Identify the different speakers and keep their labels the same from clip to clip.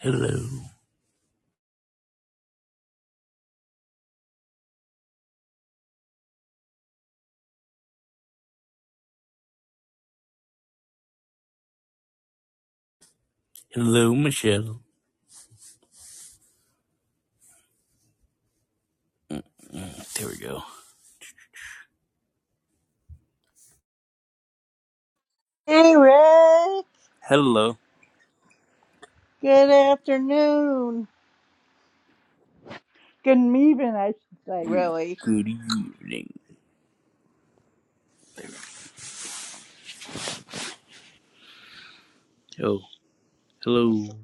Speaker 1: Hello. Hello, Michelle. There we go.
Speaker 2: Hey, Rick.
Speaker 1: Hello.
Speaker 2: Good afternoon. Good evening, I should say, really.
Speaker 1: Good evening. Oh, hello.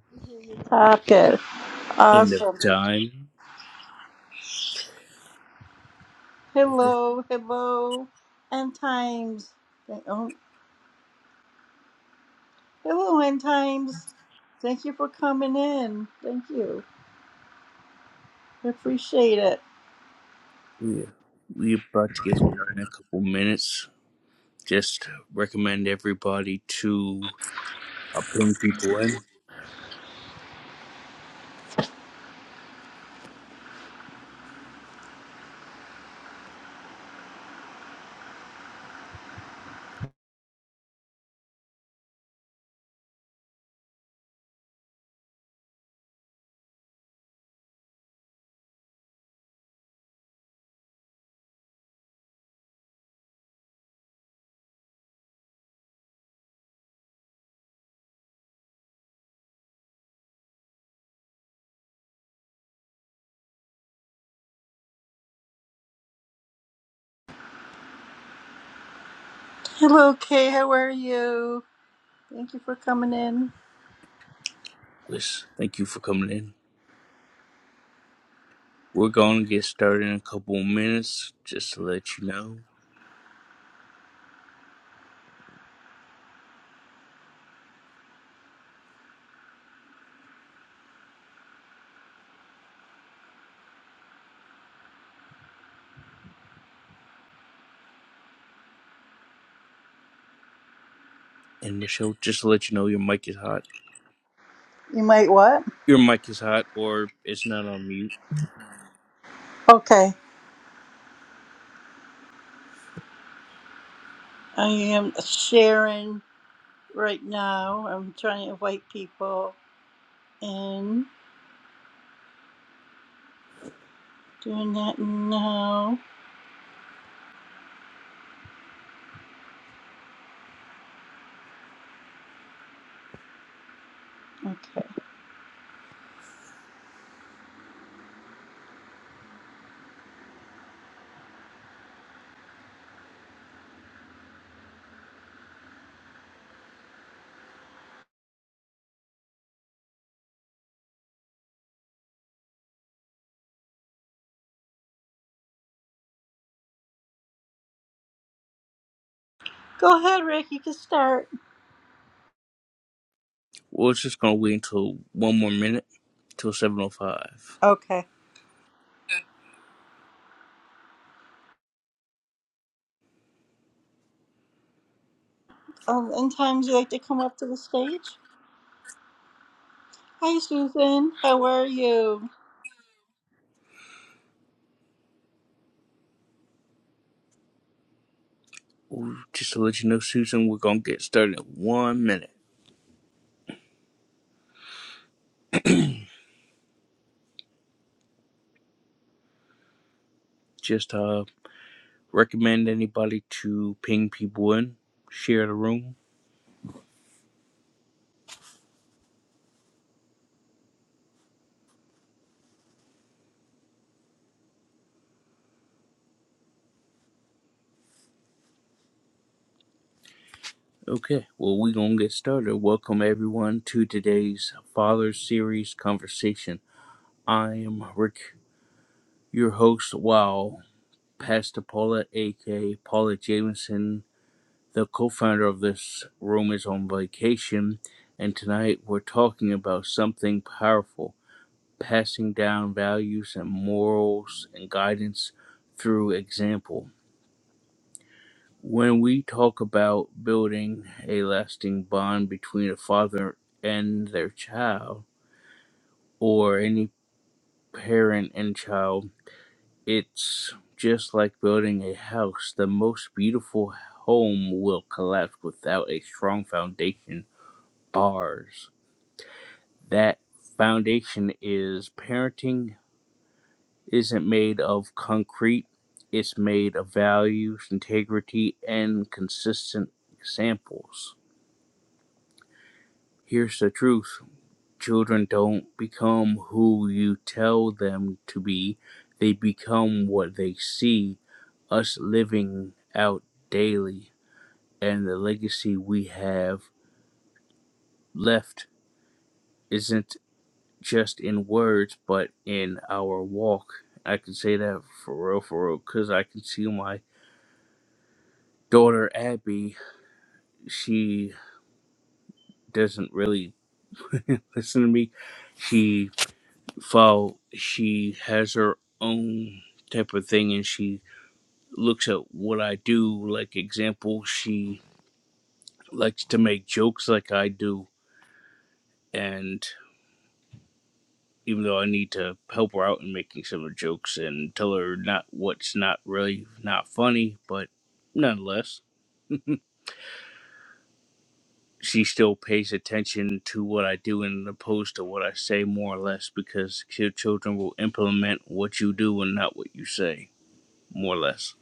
Speaker 2: Okay.
Speaker 1: End of
Speaker 2: Awesome.
Speaker 1: time.
Speaker 2: Hello, hello, and times. Oh, hello, and times. Thank you for coming in. Thank you. I appreciate it.
Speaker 1: We're, we're about to get started in a couple minutes. Just recommend everybody to uh, ping people in.
Speaker 2: Hello, Kay. How are you? Thank you for coming in.
Speaker 1: Wish, thank you for coming in. We're going to get started in a couple minutes, just to let you know. And Michelle, just to let you know, your mic is hot.
Speaker 2: You might what?
Speaker 1: Your mic is hot, or it's not on mute.
Speaker 2: Okay. I am sharing right now. I'm trying to invite people in. Doing that now. Okay. Go ahead, Rick. You can start.
Speaker 1: We're just gonna wait until one more minute till seven oh five.
Speaker 2: Okay. Um, in time, would you like to come up to the stage? Hi, Susan. How are you?
Speaker 1: Just to let you know, Susan, we're gonna get started in one minute. Just uh recommend anybody to ping people in, share the room. Okay, well we're gonna get started. Welcome everyone to today's Father Series conversation. I am Rick, your host, wow, Pastor Paula, aka Paula Jamison the co-founder of this room is on vacation and tonight we're talking about something powerful passing down values and morals and guidance through example when we talk about building a lasting bond between a father and their child or any parent and child it's just like building a house the most beautiful home will collapse without a strong foundation bars that foundation is parenting isn't made of concrete it's made of values integrity and consistent examples here's the truth children don't become who you tell them to be they become what they see us living out daily and the legacy we have left isn't. just in words, but in our walk. I can say that for real, for real, because I can see my daughter Abby. She doesn't really listen to me. She follow. She has her own type of thing, and she looks at what I do. Like example, she likes to make jokes like I do, and. even though I need to help her out in making some of the jokes and tell her not what's not really not funny, but nonetheless, she still pays attention to what I do and opposed to what I say more or less because your children will implement what you do and not what you say, more or less.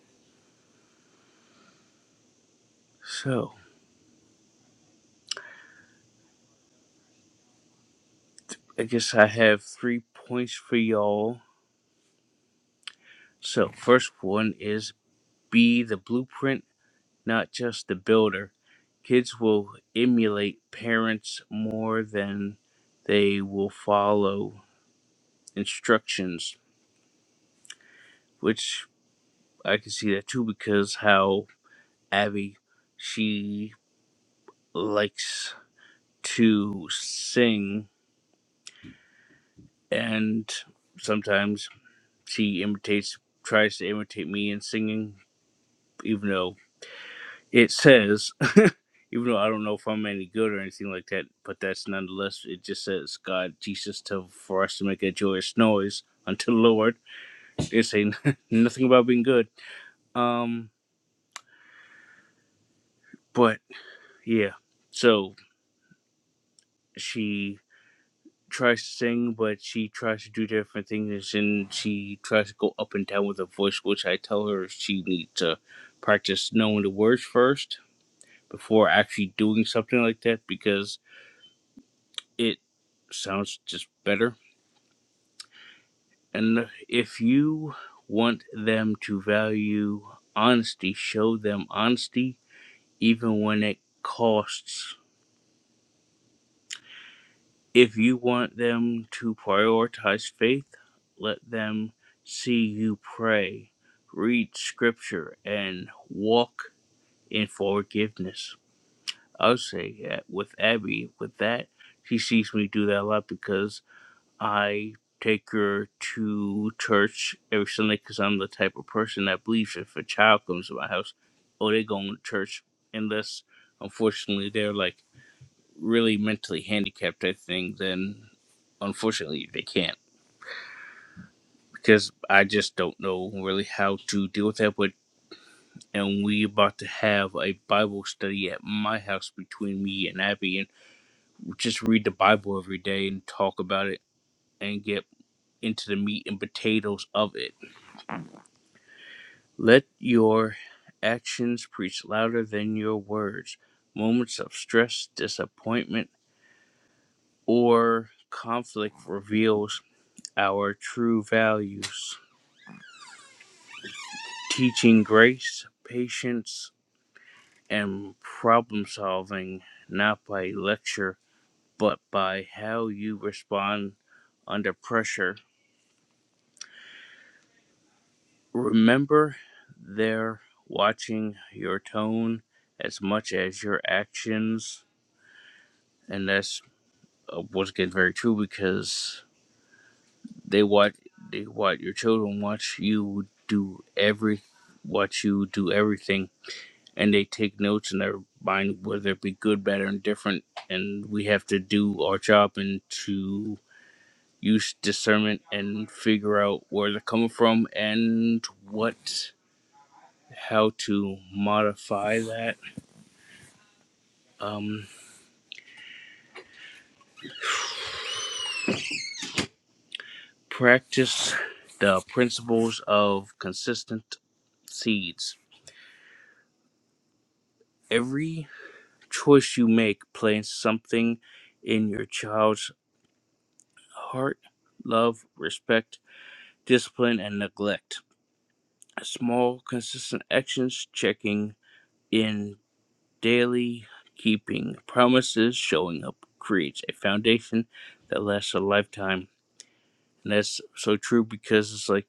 Speaker 1: So I guess I have three points for y'all. So first one is be the blueprint not just the builder. Kids will emulate parents more than they will follow instructions, which I can see that too because how Abby she likes to sing and sometimes she imitates tries to imitate me in singing even though it says Even though I don't know if I'm any good or anything like that, but that's nonetheless, it just says God, Jesus, to, for us to make a joyous noise unto the Lord. It's saying nothing about being good. Um, but yeah, so she tries to sing, but she tries to do different things, and she tries to go up and down with her voice, which I tell her she needs to practice knowing the words first before actually doing something like that because it sounds just better And if you want them to value honesty, show them honesty even when it costs. If you want them to prioritize faith, let them see you pray, read scripture, and walk in forgiveness. I'll say that with Abby, with that, she sees me do that a lot because. I take her to church every Sunday because I'm the type of person that believes if a child comes to my house, oh, they're going to church. Unless, unfortunately, they're like really mentally handicapped, I think, then unfortunately they can't because I just don't know really how to deal with that. But and we about to have a Bible study at my house between me and Abby and just read the Bible every day and talk about it and get into the meat and potatoes of it Let your actions preach louder than your words. Moments of stress, disappointment, or conflict reveals our true values. Teaching grace, patience, and problem solving not by lecture, but by how you respond under pressure. Remember, they're watching your tone as much as your actions, and that's uh, once again very true because they what they what your children watch you do every watch you do everything and they take notes in their mind whether it be good bad or indifferent and we have to do our job and to use discernment and figure out where they're coming from and what how to modify that um practice the principles of consistent seeds every choice you make plants something in your child's heart love, respect, discipline, and neglect. Small, consistent actions, checking in daily, keeping promises, showing up creates a foundation that lasts a lifetime. And that's so true because it's like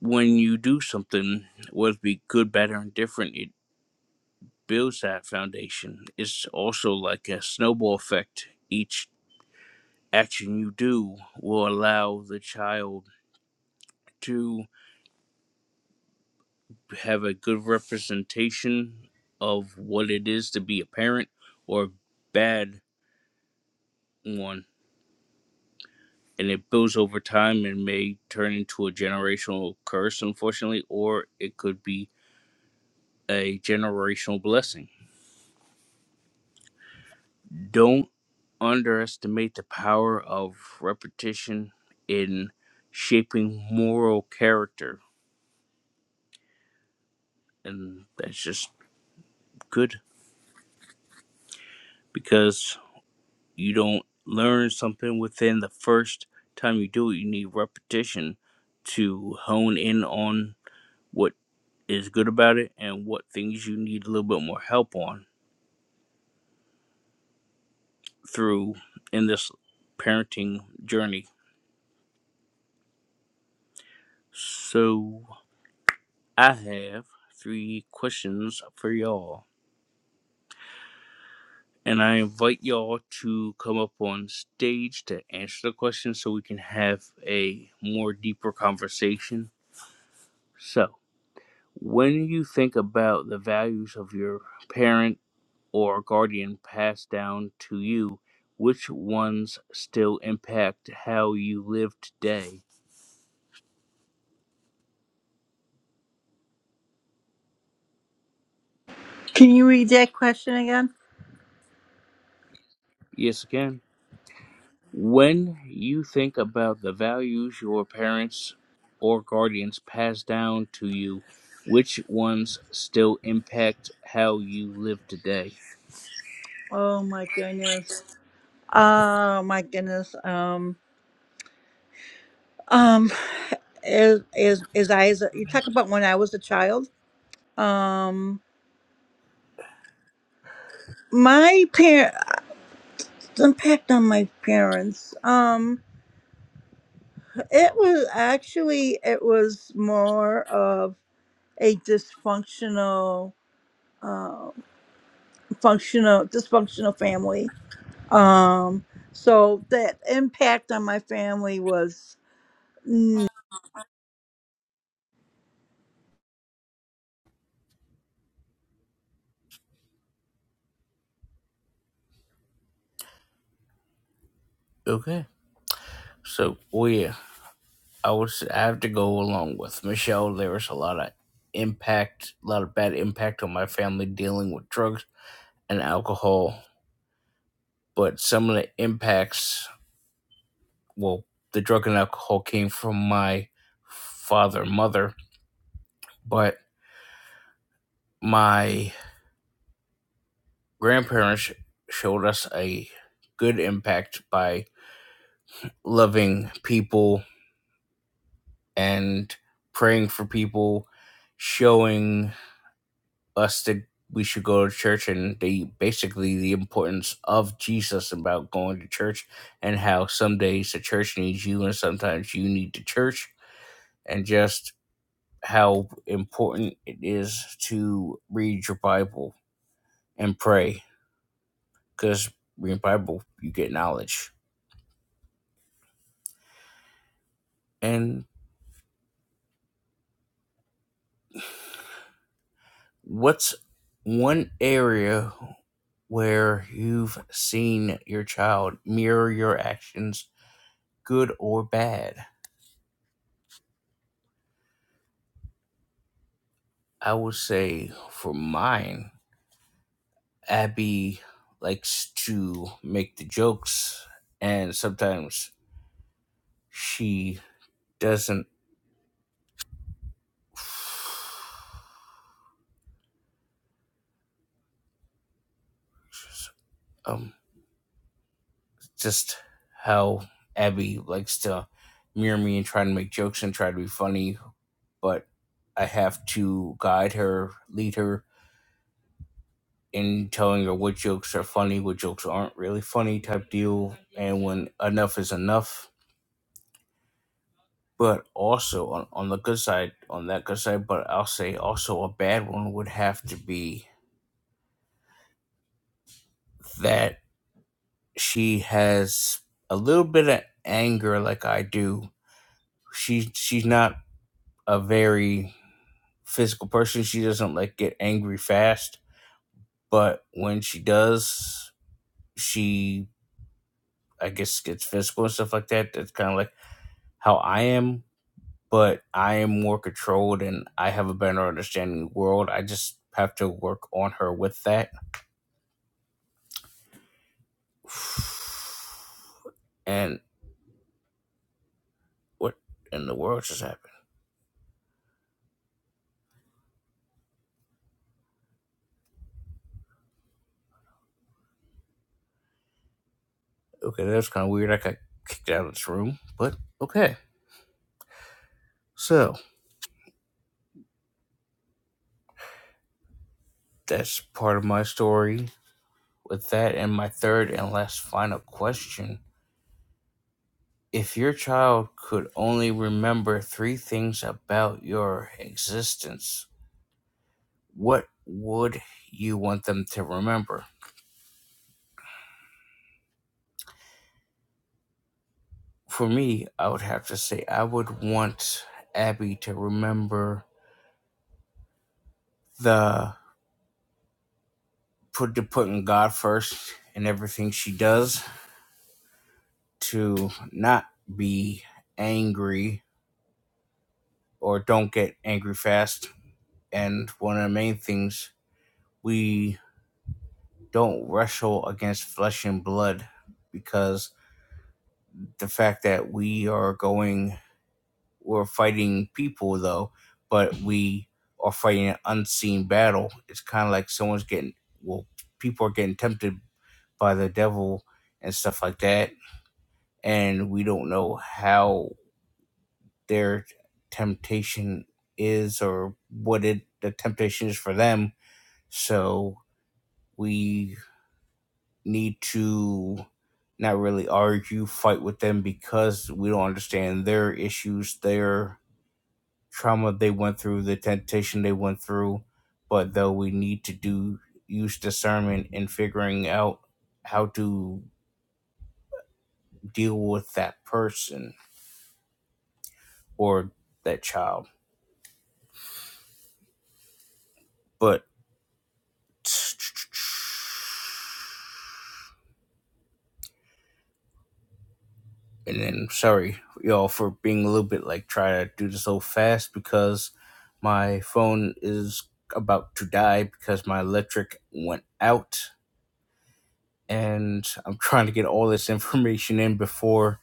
Speaker 1: when you do something, whether it be good, bad, or indifferent, it builds that foundation. It's also like a snowball effect. Each action you do will allow the child to have a good representation of what it is to be a parent or a bad one. And it builds over time and may turn into a generational curse, unfortunately, or it could be a generational blessing. Don't underestimate the power of repetition in shaping moral character. And that's just good because you don't learn something within the first time you do it. You need repetition to hone in on what is good about it and what things you need a little bit more help on through in this parenting journey. So, I have three questions for y'all. And I invite y'all to come up on stage to answer the questions so we can have a more deeper conversation. So, When you think about the values of your parent or guardian passed down to you, which ones still impact how you live today?
Speaker 2: Can you read that question again?
Speaker 1: Yes, again. When you think about the values your parents or guardians passed down to you, which ones still impact how you live today?
Speaker 2: Oh my goodness. Oh my goodness. Um. Um. Is is is I? Is, you talk about when I was a child. Um. My parents impact on my parents. Um. It was actually it was more of a dysfunctional uh, functional dysfunctional family um so that impact on my family was mm,
Speaker 1: Okay, so well, yeah. I was I have to go along with Michelle. There was a lot of impact, a lot of bad impact on my family dealing with drugs and alcohol. But some of the impacts, well, the drug and alcohol came from my father and mother, but my grandparents showed us a good impact by loving people and praying for people, showing us that we should go to church and they basically the importance of Jesus about going to church and how some days the church needs you and sometimes you need the church and just how important it is to read your Bible and pray because reading the Bible you get knowledge. And what's one area where you've seen your child mirror your actions, good or bad? I would say for mine, Abby likes to make the jokes, and sometimes she doesn't. Um, just how Abby likes to mirror me and try to make jokes and try to be funny, but I have to guide her, lead her in telling her what jokes are funny, what jokes aren't really funny type deal, and when enough is enough But also on, on the good side, on that good side, but I'll say also a bad one would have to be that she has a little bit of anger like I do. She she's not a very physical person. She doesn't like get angry fast, but when she does, she I guess gets physical and stuff like that. That's kind of like how I am but I am more controlled and I have a better understanding of the world. I just have to work on her with that And what in the world just happened? Okay, that's kind of weird. I got kicked out of this room, but okay. So that's part of my story. With that, and my third and last final question If your child could only remember three things about your existence, what would you want them to remember? For me, I would have to say I would want Abby to remember the put to putting God first in everything she does to not be angry or don't get angry fast. And one of the main things we don't wrestle against flesh and blood because the fact that we are going we're fighting people though, but we are fighting an unseen battle. It's kinda like someone's getting well, people are getting tempted by the devil and stuff like that and we don't know how their temptation is or what it the temptation is for them. So we need to not really argue, fight with them because we don't understand their issues, their trauma they went through, the temptation they went through. But though we need to do use discernment in figuring out how to deal with that person or that child. But And then, sorry, y'all, for being a little bit like try to do this so fast because my phone is about to die because my electric went out, and I'm trying to get all this information in before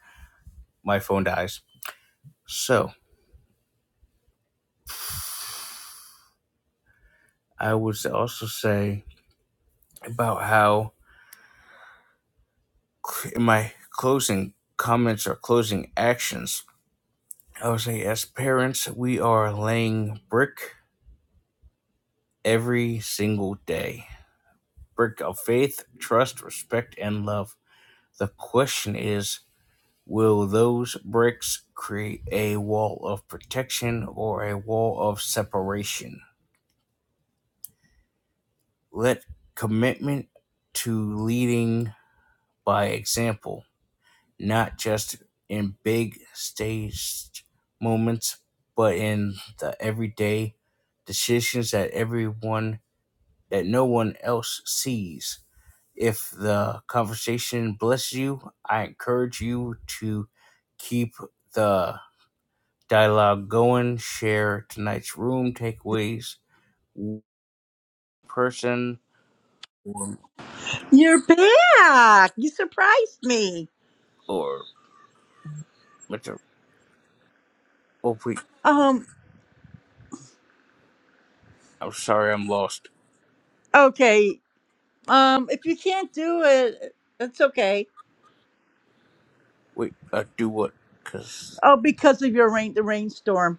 Speaker 1: my phone dies. So, I would also say about how in my closing comments or closing actions, I would say as parents, we are laying brick every single day. Brick of faith, trust, respect, and love. The question is will those bricks create a wall of protection or a wall of separation? Let commitment to leading by example, not just in big staged moments, but in the everyday decisions that everyone that no one else sees If the conversation blesses you, I encourage you to keep the dialogue going. Share tonight's room takeaways, person or,
Speaker 2: you're back you surprised me
Speaker 1: or Mr. Oh wait,
Speaker 2: um
Speaker 1: I'm sorry, I'm lost.
Speaker 2: okay um if you can't do it it's okay
Speaker 1: Wait, uh, do what? Cause
Speaker 2: oh because of your rain the rainstorm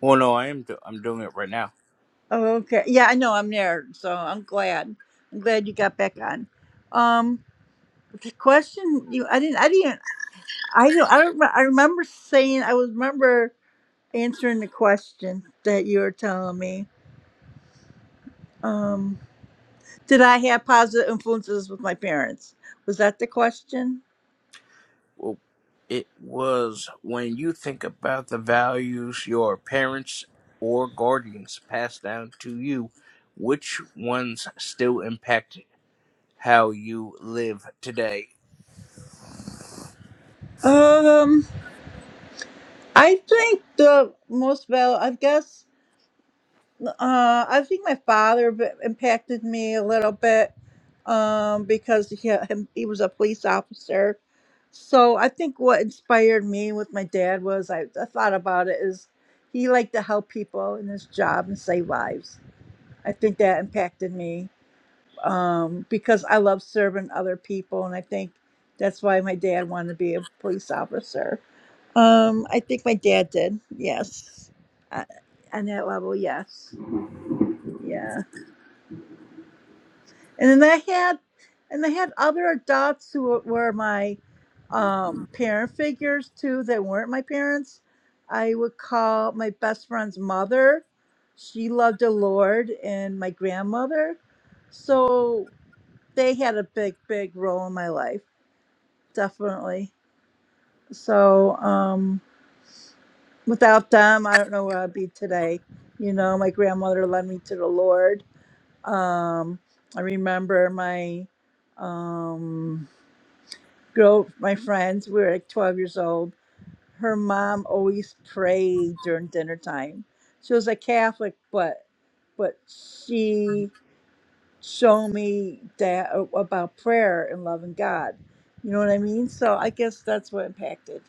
Speaker 1: well, no, I am. Do- I'm doing it right now.
Speaker 2: oh, okay yeah i know i'm there so i'm glad i'm glad you got back on um the question you i didn't i didn't I don't. I don't. re- I remember saying. I was remember answering the question that you were telling me. Um, did I have positive influences with my parents? Was that the question?
Speaker 1: well, it was when you think about the values your parents or guardians passed down to you, which ones still impact how you live today?
Speaker 2: Um, I think the most valid. I guess Uh, I think my father b- impacted me a little bit um, because he, him, he was a police officer. So I think what inspired me with my dad was I, I thought about it is he liked to help people in his job and save lives. I think that impacted me um, because I love serving other people, and I think that's why my dad wanted to be a police officer. Um, I think my dad did. Yes, uh, on that level, yes. yeah. and then they had and they had other adults who were were my um, parent figures too that weren't my parents i would call my best friend's mother she loved the lord and my grandmother so they had a big big role in my life definitely so um, without them i don't know where i'd be today you know my grandmother led me to the lord um, i remember my um Grove, my friends, we were like 12 years old. Her mom always prayed during dinner time. She was a Catholic, but but she showed me that a- about prayer and loving God. You know what I mean? So I guess that's what impacted,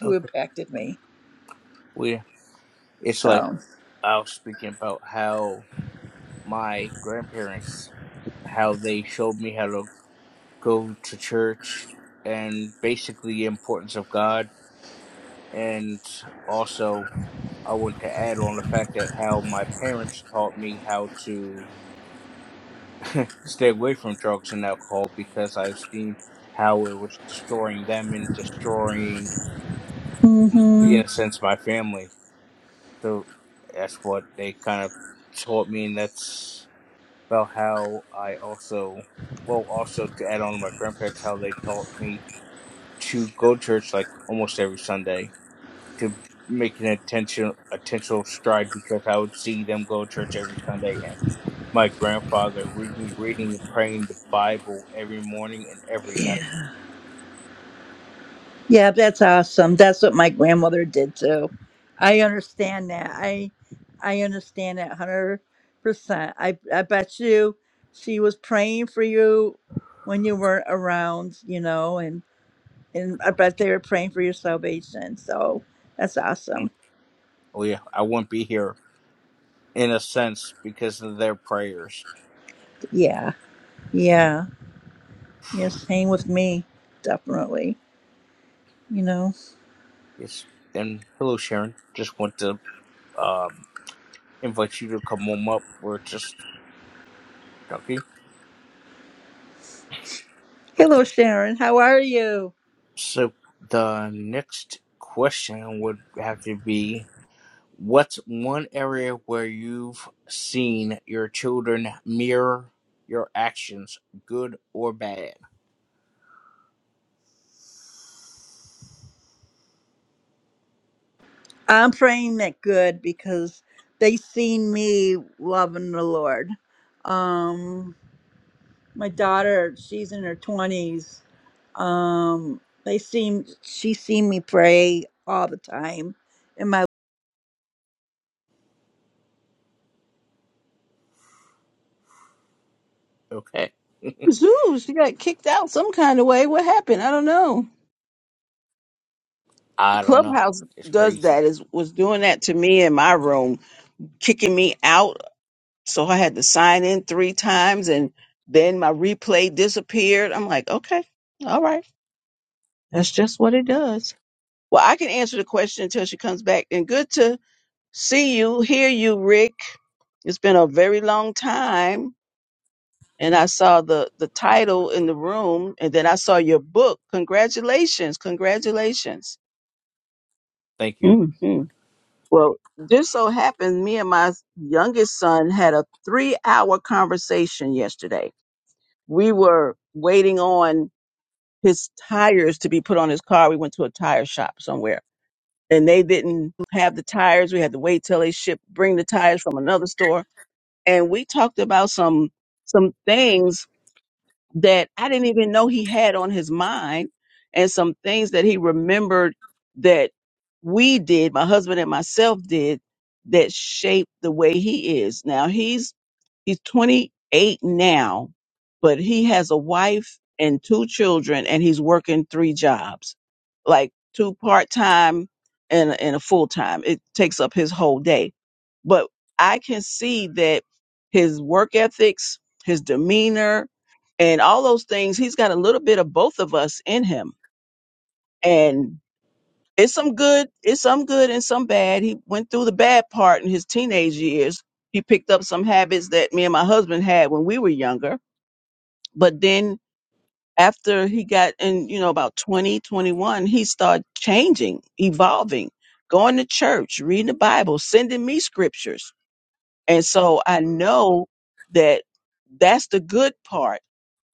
Speaker 2: who
Speaker 1: Okay.
Speaker 2: impacted me.
Speaker 1: We it's like
Speaker 2: So,
Speaker 1: I was speaking about how my grandparents how they showed me how to go to church and basically the importance of God and also I want to add on the fact that how my parents taught me how to stay away from drugs and alcohol because I've seen how it was destroying them and destroying, in
Speaker 2: hmm
Speaker 1: a sense, my family. So that's what they kind of taught me, and that's about how I also, well, also to add on to my grandparents, how they taught me to go to church like almost every Sunday to make an attention attentional stride because I would see them go to church every Sunday and my grandfather reading reading and praying the Bible every morning and every
Speaker 2: yeah.
Speaker 1: night.
Speaker 2: Yeah, that's awesome. That's what my grandmother did too. I understand that. I I understand that hundred percent. I I bet you she was praying for you when you weren't around, you know, and and I bet they were praying for your salvation. So that's
Speaker 1: Mm.
Speaker 2: awesome.
Speaker 1: Oh yeah, I wouldn't be here in a sense because of their prayers.
Speaker 2: Yeah, yeah. You're staying with me, definitely. You know.
Speaker 1: Yes. And hello Sharon. Just want to um invite you to come home up. We're just okay. Okay.
Speaker 2: Hello, Sharon. How are you?
Speaker 1: So the next question would have to be What's one area where you've seen your children mirror your actions, good or bad?
Speaker 2: I'm praying that good because they seen me loving the Lord. Um, my daughter, she's in her twenties. Um, they seen she seen me pray all the time, in my
Speaker 1: Okay.
Speaker 3: Zoo, she got kicked out some kind of way. What happened? I don't know.
Speaker 1: I don't know.
Speaker 3: Clubhouse
Speaker 1: It's
Speaker 3: does
Speaker 1: crazy.
Speaker 3: that. Is was doing that to me in my room, kicking me out. So I had to sign in three times, and then my replay disappeared. I'm like, okay, all right, that's just what it does. Well, I can answer the question until she comes back. And good to see you, hear you, Rick. It's been a very long time. and I saw the the title in the room, and then I saw your book. Congratulations, congratulations.
Speaker 1: Thank you.
Speaker 3: hmm Well, this so happened, me and my youngest son had a three hour conversation yesterday. We were waiting on his tires to be put on his car. We went to a tire shop somewhere, and they didn't have the tires. We had to wait till they ship bring the tires from another store, and we talked about some some things that I didn't even know he had on his mind and some things that he remembered that we did, my husband and myself did, that shaped the way he is. Now he's He's 28 now, but he has a wife and two children and he's working three jobs, like two part-time and, and a full-time. It takes up his whole day. But I can see that his work ethics, his demeanor, and all those things, he's got a little bit of both of us in him. And it's some good it's some good and some bad he went through the bad part in his teenage years he picked up some habits that me and my husband had when we were younger but then after he got in you know about 20 21, he started changing evolving going to church reading the bible sending me scriptures and so i know that that's the good part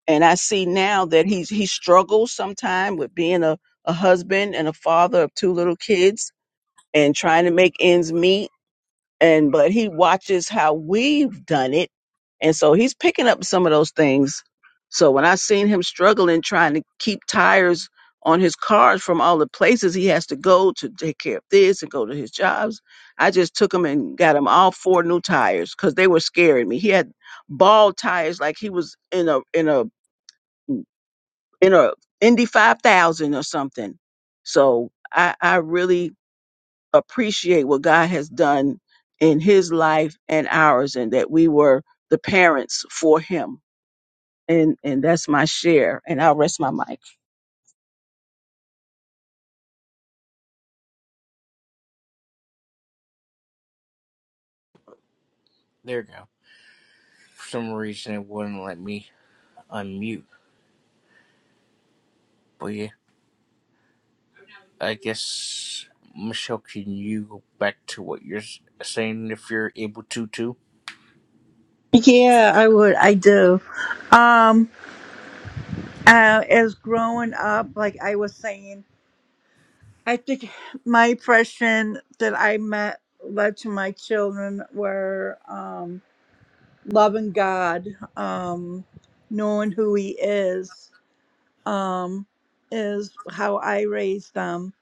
Speaker 3: and i see now that he's he struggles sometimes with being a, a husband and a father of two little kids and trying to make ends meet and but he watches how we've done it and so he's picking up some of those things so when i seen him struggling trying to keep tires on his cars from all the places he has to go to take care of this and go to his jobs i just took him and got him all four new tires because they were scaring me he had ball tires like he was in a in a in a indy 5000 or something so i i really appreciate what God has done in his life and ours and that we were the parents for him. And and that's my share. And I'll rest my mic.
Speaker 1: There you go. For some reason, it wouldn't let me unmute. But yeah, I guess, Michelle, can you go back to what you're s- saying if you're able to, too?
Speaker 2: yeah, I would, I do. Um, uh, as growing up, like I was saying, I think my impression that I met led to my children were Um, loving God, um, knowing who He is, um, is how I raise them.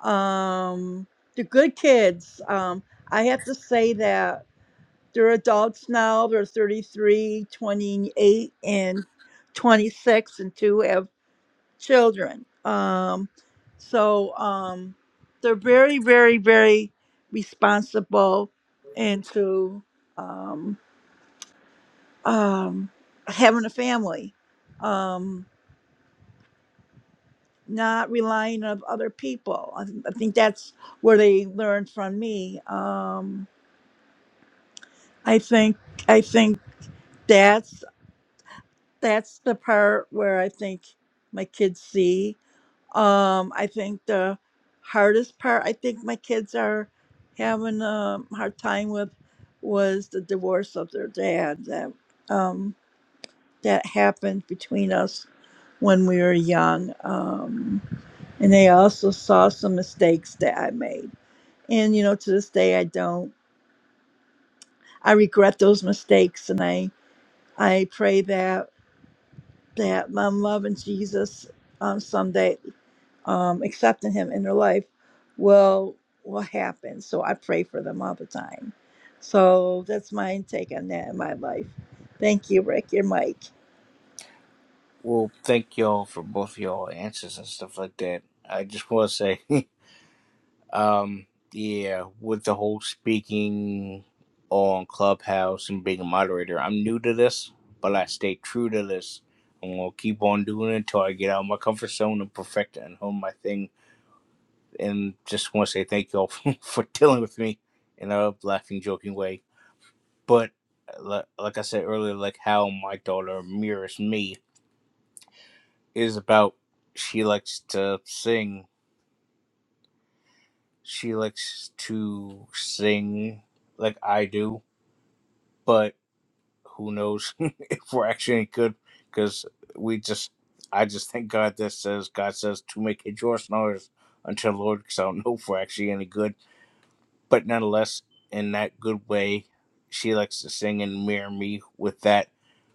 Speaker 2: Um, are good kids, um, I have to say that they're adults now. They're thirty-three, twenty-eight, and 26, and two have children. Um, so um, they're very, very, very responsible and to. um, um, having a family, um, not relying on other people. I, th- I think that's where they learned from me. Um, I think I think that's that's the part where I think my kids see. Um, I think the hardest part I think my kids are having a hard time with was the divorce of their dad. That um, that happened between us when we were young. Um, and they also saw some mistakes that I made. And, you know, to this day, I don't, I regret those mistakes. And I, I pray that, that my love and Jesus um, someday, um, accepting him in their life will, will happen. So I pray for them all the time. So that's my take on that in my life. Thank you, Rick. Your mic.
Speaker 1: Well, thank y'all for both y'all answers and stuff like that. I just want to say. Um, yeah, with the whole speaking on Clubhouse and being a moderator, I'm new to this, but I stay true to this. I'm gonna keep on doing it until I get out of my comfort zone and perfect it and hone my thing. And just want to say thank y'all for for dealing with me in a laughing, joking way. But uh, li- like I said earlier, like how my daughter mirrors me is about she likes to sing. She likes to sing like I do, but who knows if we're actually any good because we just I just thank God that says God says to make it yours and ours until the Lord because I don't know if we're actually any good. But nonetheless, in that good way, she likes to sing and mirror me with that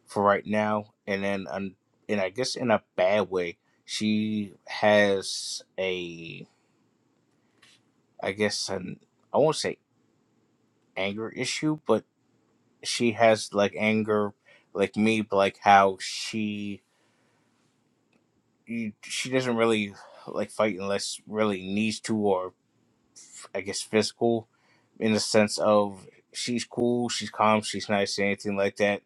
Speaker 1: for right now. And then um, and I guess in a bad way, she has a I guess an I won't say anger issue, but she has like anger like me, but like how she you, she doesn't really like fight unless really needs to or I guess physical in the sense of she's cool, she's calm, she's nice, anything like that,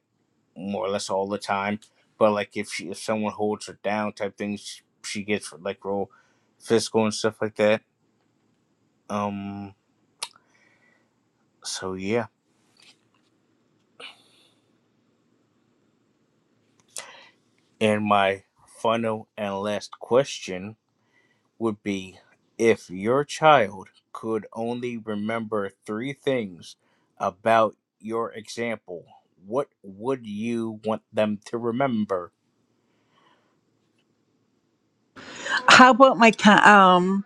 Speaker 1: more or less all the time. But like if she if someone holds her down type things, she, she gets like real physical and stuff like that. Um so yeah. And my final and last question would be if your child could only remember three things about your example, what would you want them to remember?
Speaker 2: How about my co- um?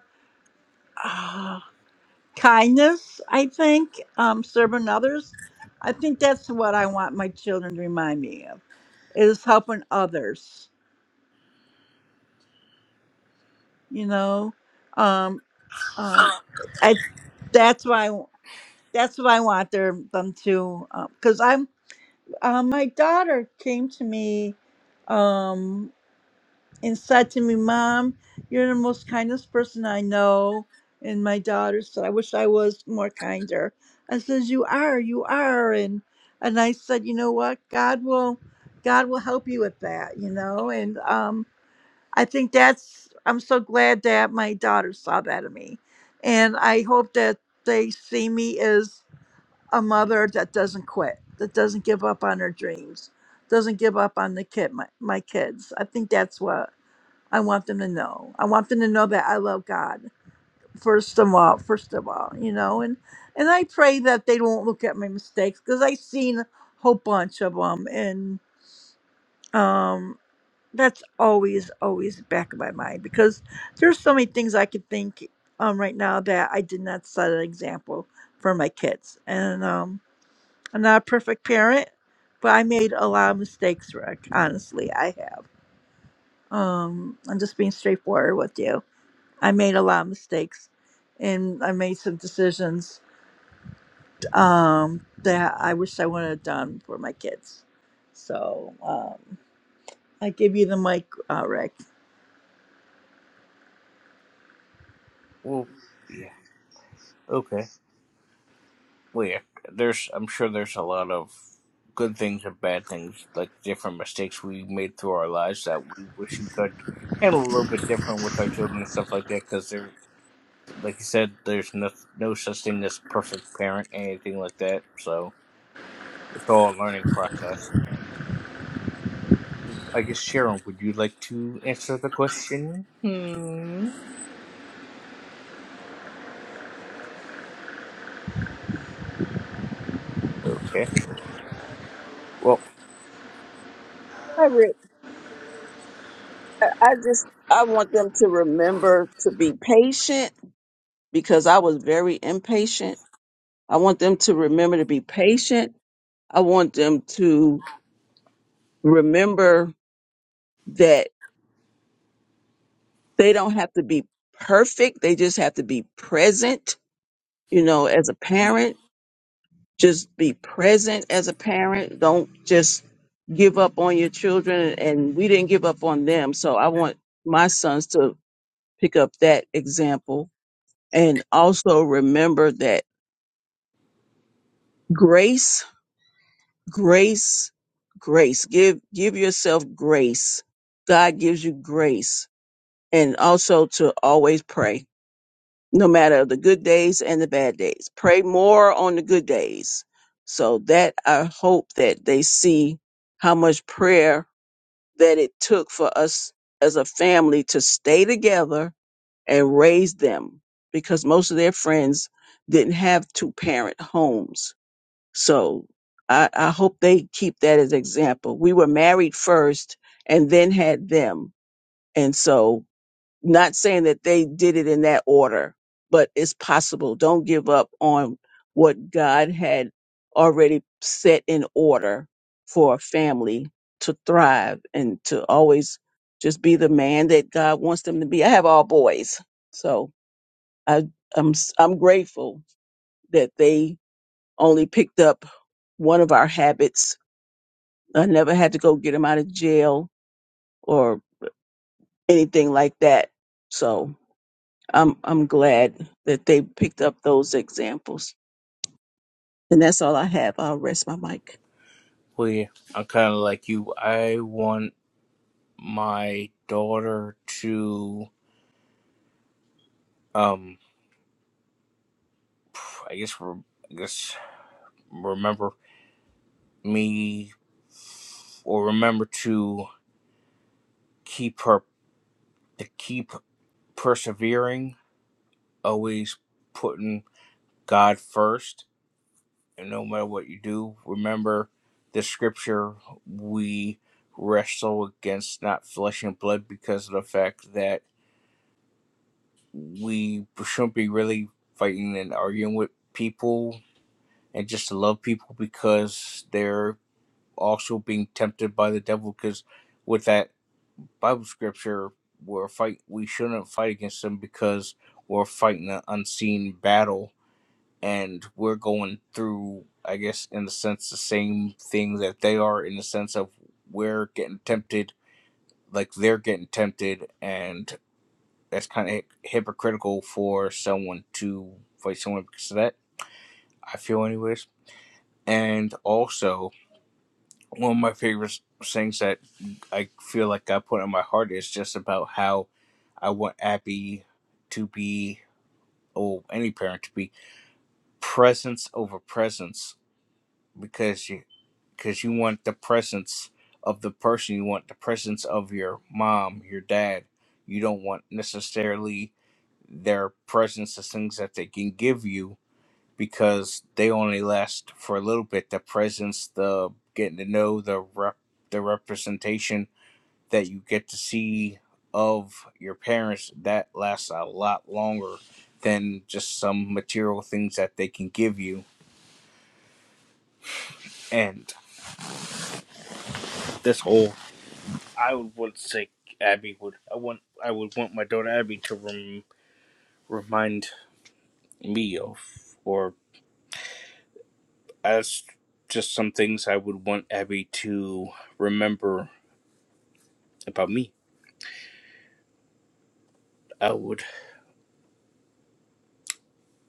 Speaker 2: kindness, I think, um, serving others. I think that's what I want my children to remind me of is helping others. You know, um, um, I that's why that's what I want their them to because I'm uh, my daughter came to me. Um, and said to me, Mom, you're the most kindest person I know. And my daughter said, I wish I was more kinder. I says, You are, you are. And and I said, you know what? God will God will help you with that, you know? And um I think that's I'm so glad that my daughter saw that in me. And I hope that they see me as a mother that doesn't quit, that doesn't give up on her dreams, doesn't give up on the kid my, my kids. I think that's what I want them to know. I want them to know that I love God first of all, first of all, you know, and and I pray that they don't look at my mistakes because I've seen a whole bunch of them, and um, that's always always back of my mind because there's so many things I could think um right now that I did not set an example for my kids, and um, I'm not a perfect parent, but I made a lot of mistakes, Rick. Honestly, I have. Um, I'm just being straightforward with you I made a lot of mistakes and I made some decisions um, that I wish I would have done for my kids. So um, I give you the mic, uh, Rick.
Speaker 1: Well, yeah, okay. Well, yeah, there's, I'm sure there's a lot of good things and bad things, like different mistakes we made through our lives that we wish we could handle a little bit different with our children and stuff like that, because there, like you said, there's no, no such thing as perfect parent, anything like that, so. It's all a learning process. I guess Sharon, would you like to answer the question? Hmm. Okay. Well,
Speaker 3: I, re- I I just I want them to remember to be patient because I was very impatient. I want them to remember to be patient. I want them to remember that they don't have to be perfect. They just have to be present, you know, as a parent just be present as a parent. Don't just give up on your children. And we didn't give up on them. So I want my sons to pick up that example and also remember that grace, grace, grace. Give, give yourself grace. God gives you grace and also to always pray. no matter the good days and the bad days. Pray more on the good days. So that I hope that they see how much prayer that it took for us as a family to stay together and raise them because most of their friends didn't have two parent homes. So I, I hope they keep that as example. We were married first and then had them. And so not saying that they did it in that order, but it's possible. Don't give up on what God had already set in order for a family to thrive and to always just be the man that God wants them to be. I have all boys. So I I'm s- I'm grateful that they only picked up one of our habits. I never had to go get them out of jail or anything like that. So I'm I'm glad that they picked up those examples. And that's all I have. I'll rest my mic.
Speaker 1: we. I'm kind of like you. I want my daughter to, um, I guess, re- I guess, remember me or remember to keep her to keep persevering, always putting God first and no matter what you do, remember the scripture we wrestle against not flesh and blood because of the fact that we shouldn't be really fighting and arguing with people and just to love people because they're also being tempted by the devil because with that Bible scripture we're fight we shouldn't fight against them because we're fighting an unseen battle and we're going through i guess in the sense the same thing that they are in the sense of we're getting tempted like they're getting tempted and that's kind of hypocritical for someone to fight someone because of that i feel anyways and also one of my favorite things that i feel like i put in my heart is just about how i want abby to be or any parent to be presence over presence because you because you want the presence of the person you want the presence of your mom your dad you don't want necessarily their presence as things that they can give you because they only last for a little bit the presence the getting to know the rep the representation that you get to see of your parents that lasts a lot longer than just some material things that they can give you and this whole I would want say Abby would. I want. I would want my daughter Abby to rem, remind me of, or as just some things I would want Abby to remember about me. I would.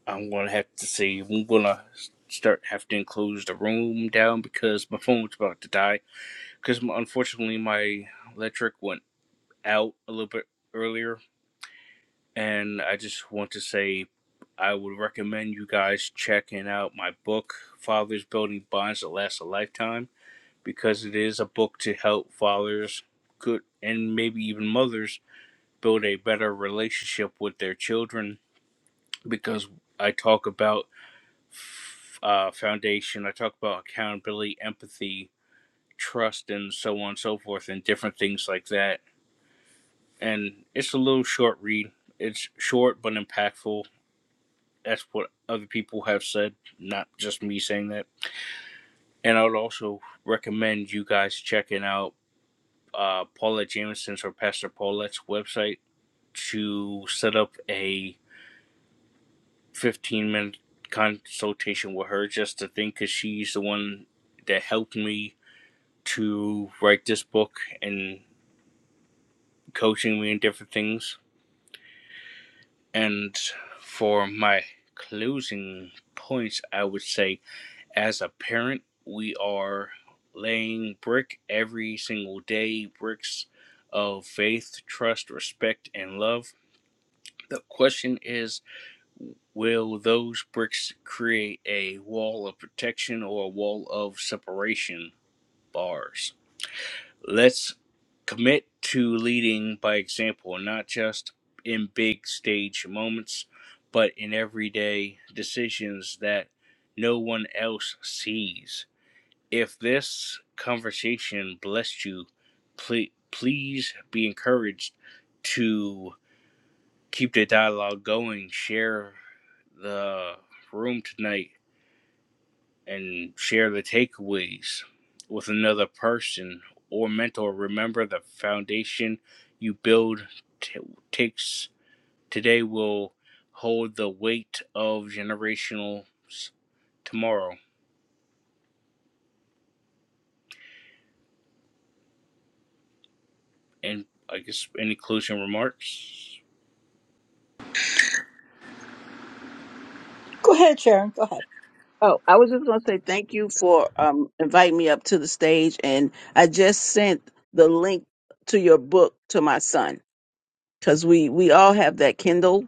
Speaker 1: I'm gonna have to say I'm gonna start have to close the room down because my phone's about to die. Because unfortunately my electric went out a little bit earlier and I just want to say I would recommend you guys checking out my book, Fathers Building Bonds That Last a Lifetime, because it is a book to help fathers, good and maybe even mothers, build a better relationship with their children. Because I talk about uh, foundation, I talk about accountability, empathy, trust, and so on and so forth, and different things like that. And it's a little short read. It's short but impactful That's what other people have said, not just me saying that. And I would also recommend you guys checking out uh, Paulette Jameson's or Pastor Paulette's website to set up a 15 minute consultation with her just to think because she's the one that helped me to write this book and coaching me in different things. And for my closing points, I would say as a parent, we are laying brick every single day, bricks of faith, trust, respect, and love. The question is will those bricks create a wall of protection or a wall of separation bars? Let's commit to leading by example, not just in big stage moments, but in everyday decisions that no one else sees if this conversation blessed you, please, please be encouraged to keep the dialogue going. Share the room tonight and share the takeaways with another person or mentor. Remember, the foundation you build t- takes today will hold the weight of generational s- tomorrow. And I guess any closing remarks?
Speaker 2: Go ahead, Sharon. Go ahead.
Speaker 3: Oh, I was just going to say thank you for um, inviting me up to the stage, and I just sent the link to your book to my son because we we all have that Kindle,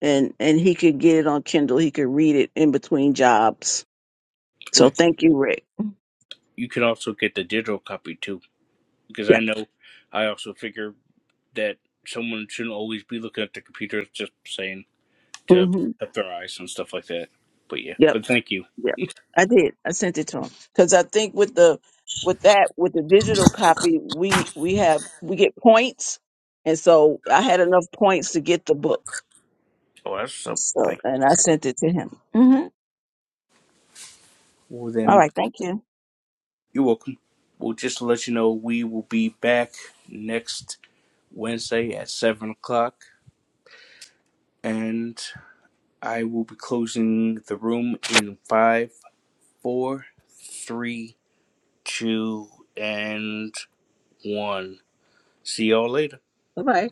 Speaker 3: and and he could get it on Kindle. He could read it in between jobs.
Speaker 1: Toya?
Speaker 3: So thank you, Rick.
Speaker 1: you can also get the digital copy too because i
Speaker 3: Yep.
Speaker 1: know i also figure that someone shouldn't always be looking at the computer just saying to
Speaker 3: hmm
Speaker 1: up their eyes and stuff like that but yeah
Speaker 3: Yep.
Speaker 1: but thank you
Speaker 3: Yeah, I did. I sent it to him because I think with the with that with the digital copy, we we have we get points, and so I had enough points to get the book.
Speaker 1: oh that's so
Speaker 3: So,
Speaker 1: thank
Speaker 3: and I sent it to him. hmm
Speaker 1: you. well
Speaker 3: All
Speaker 1: then
Speaker 3: right, thank you.
Speaker 1: you're welcome well just to let you know we will be back next wednesday at seven o'clock and i will be closing the room in five four three two and one see y'all later
Speaker 3: Bye bye.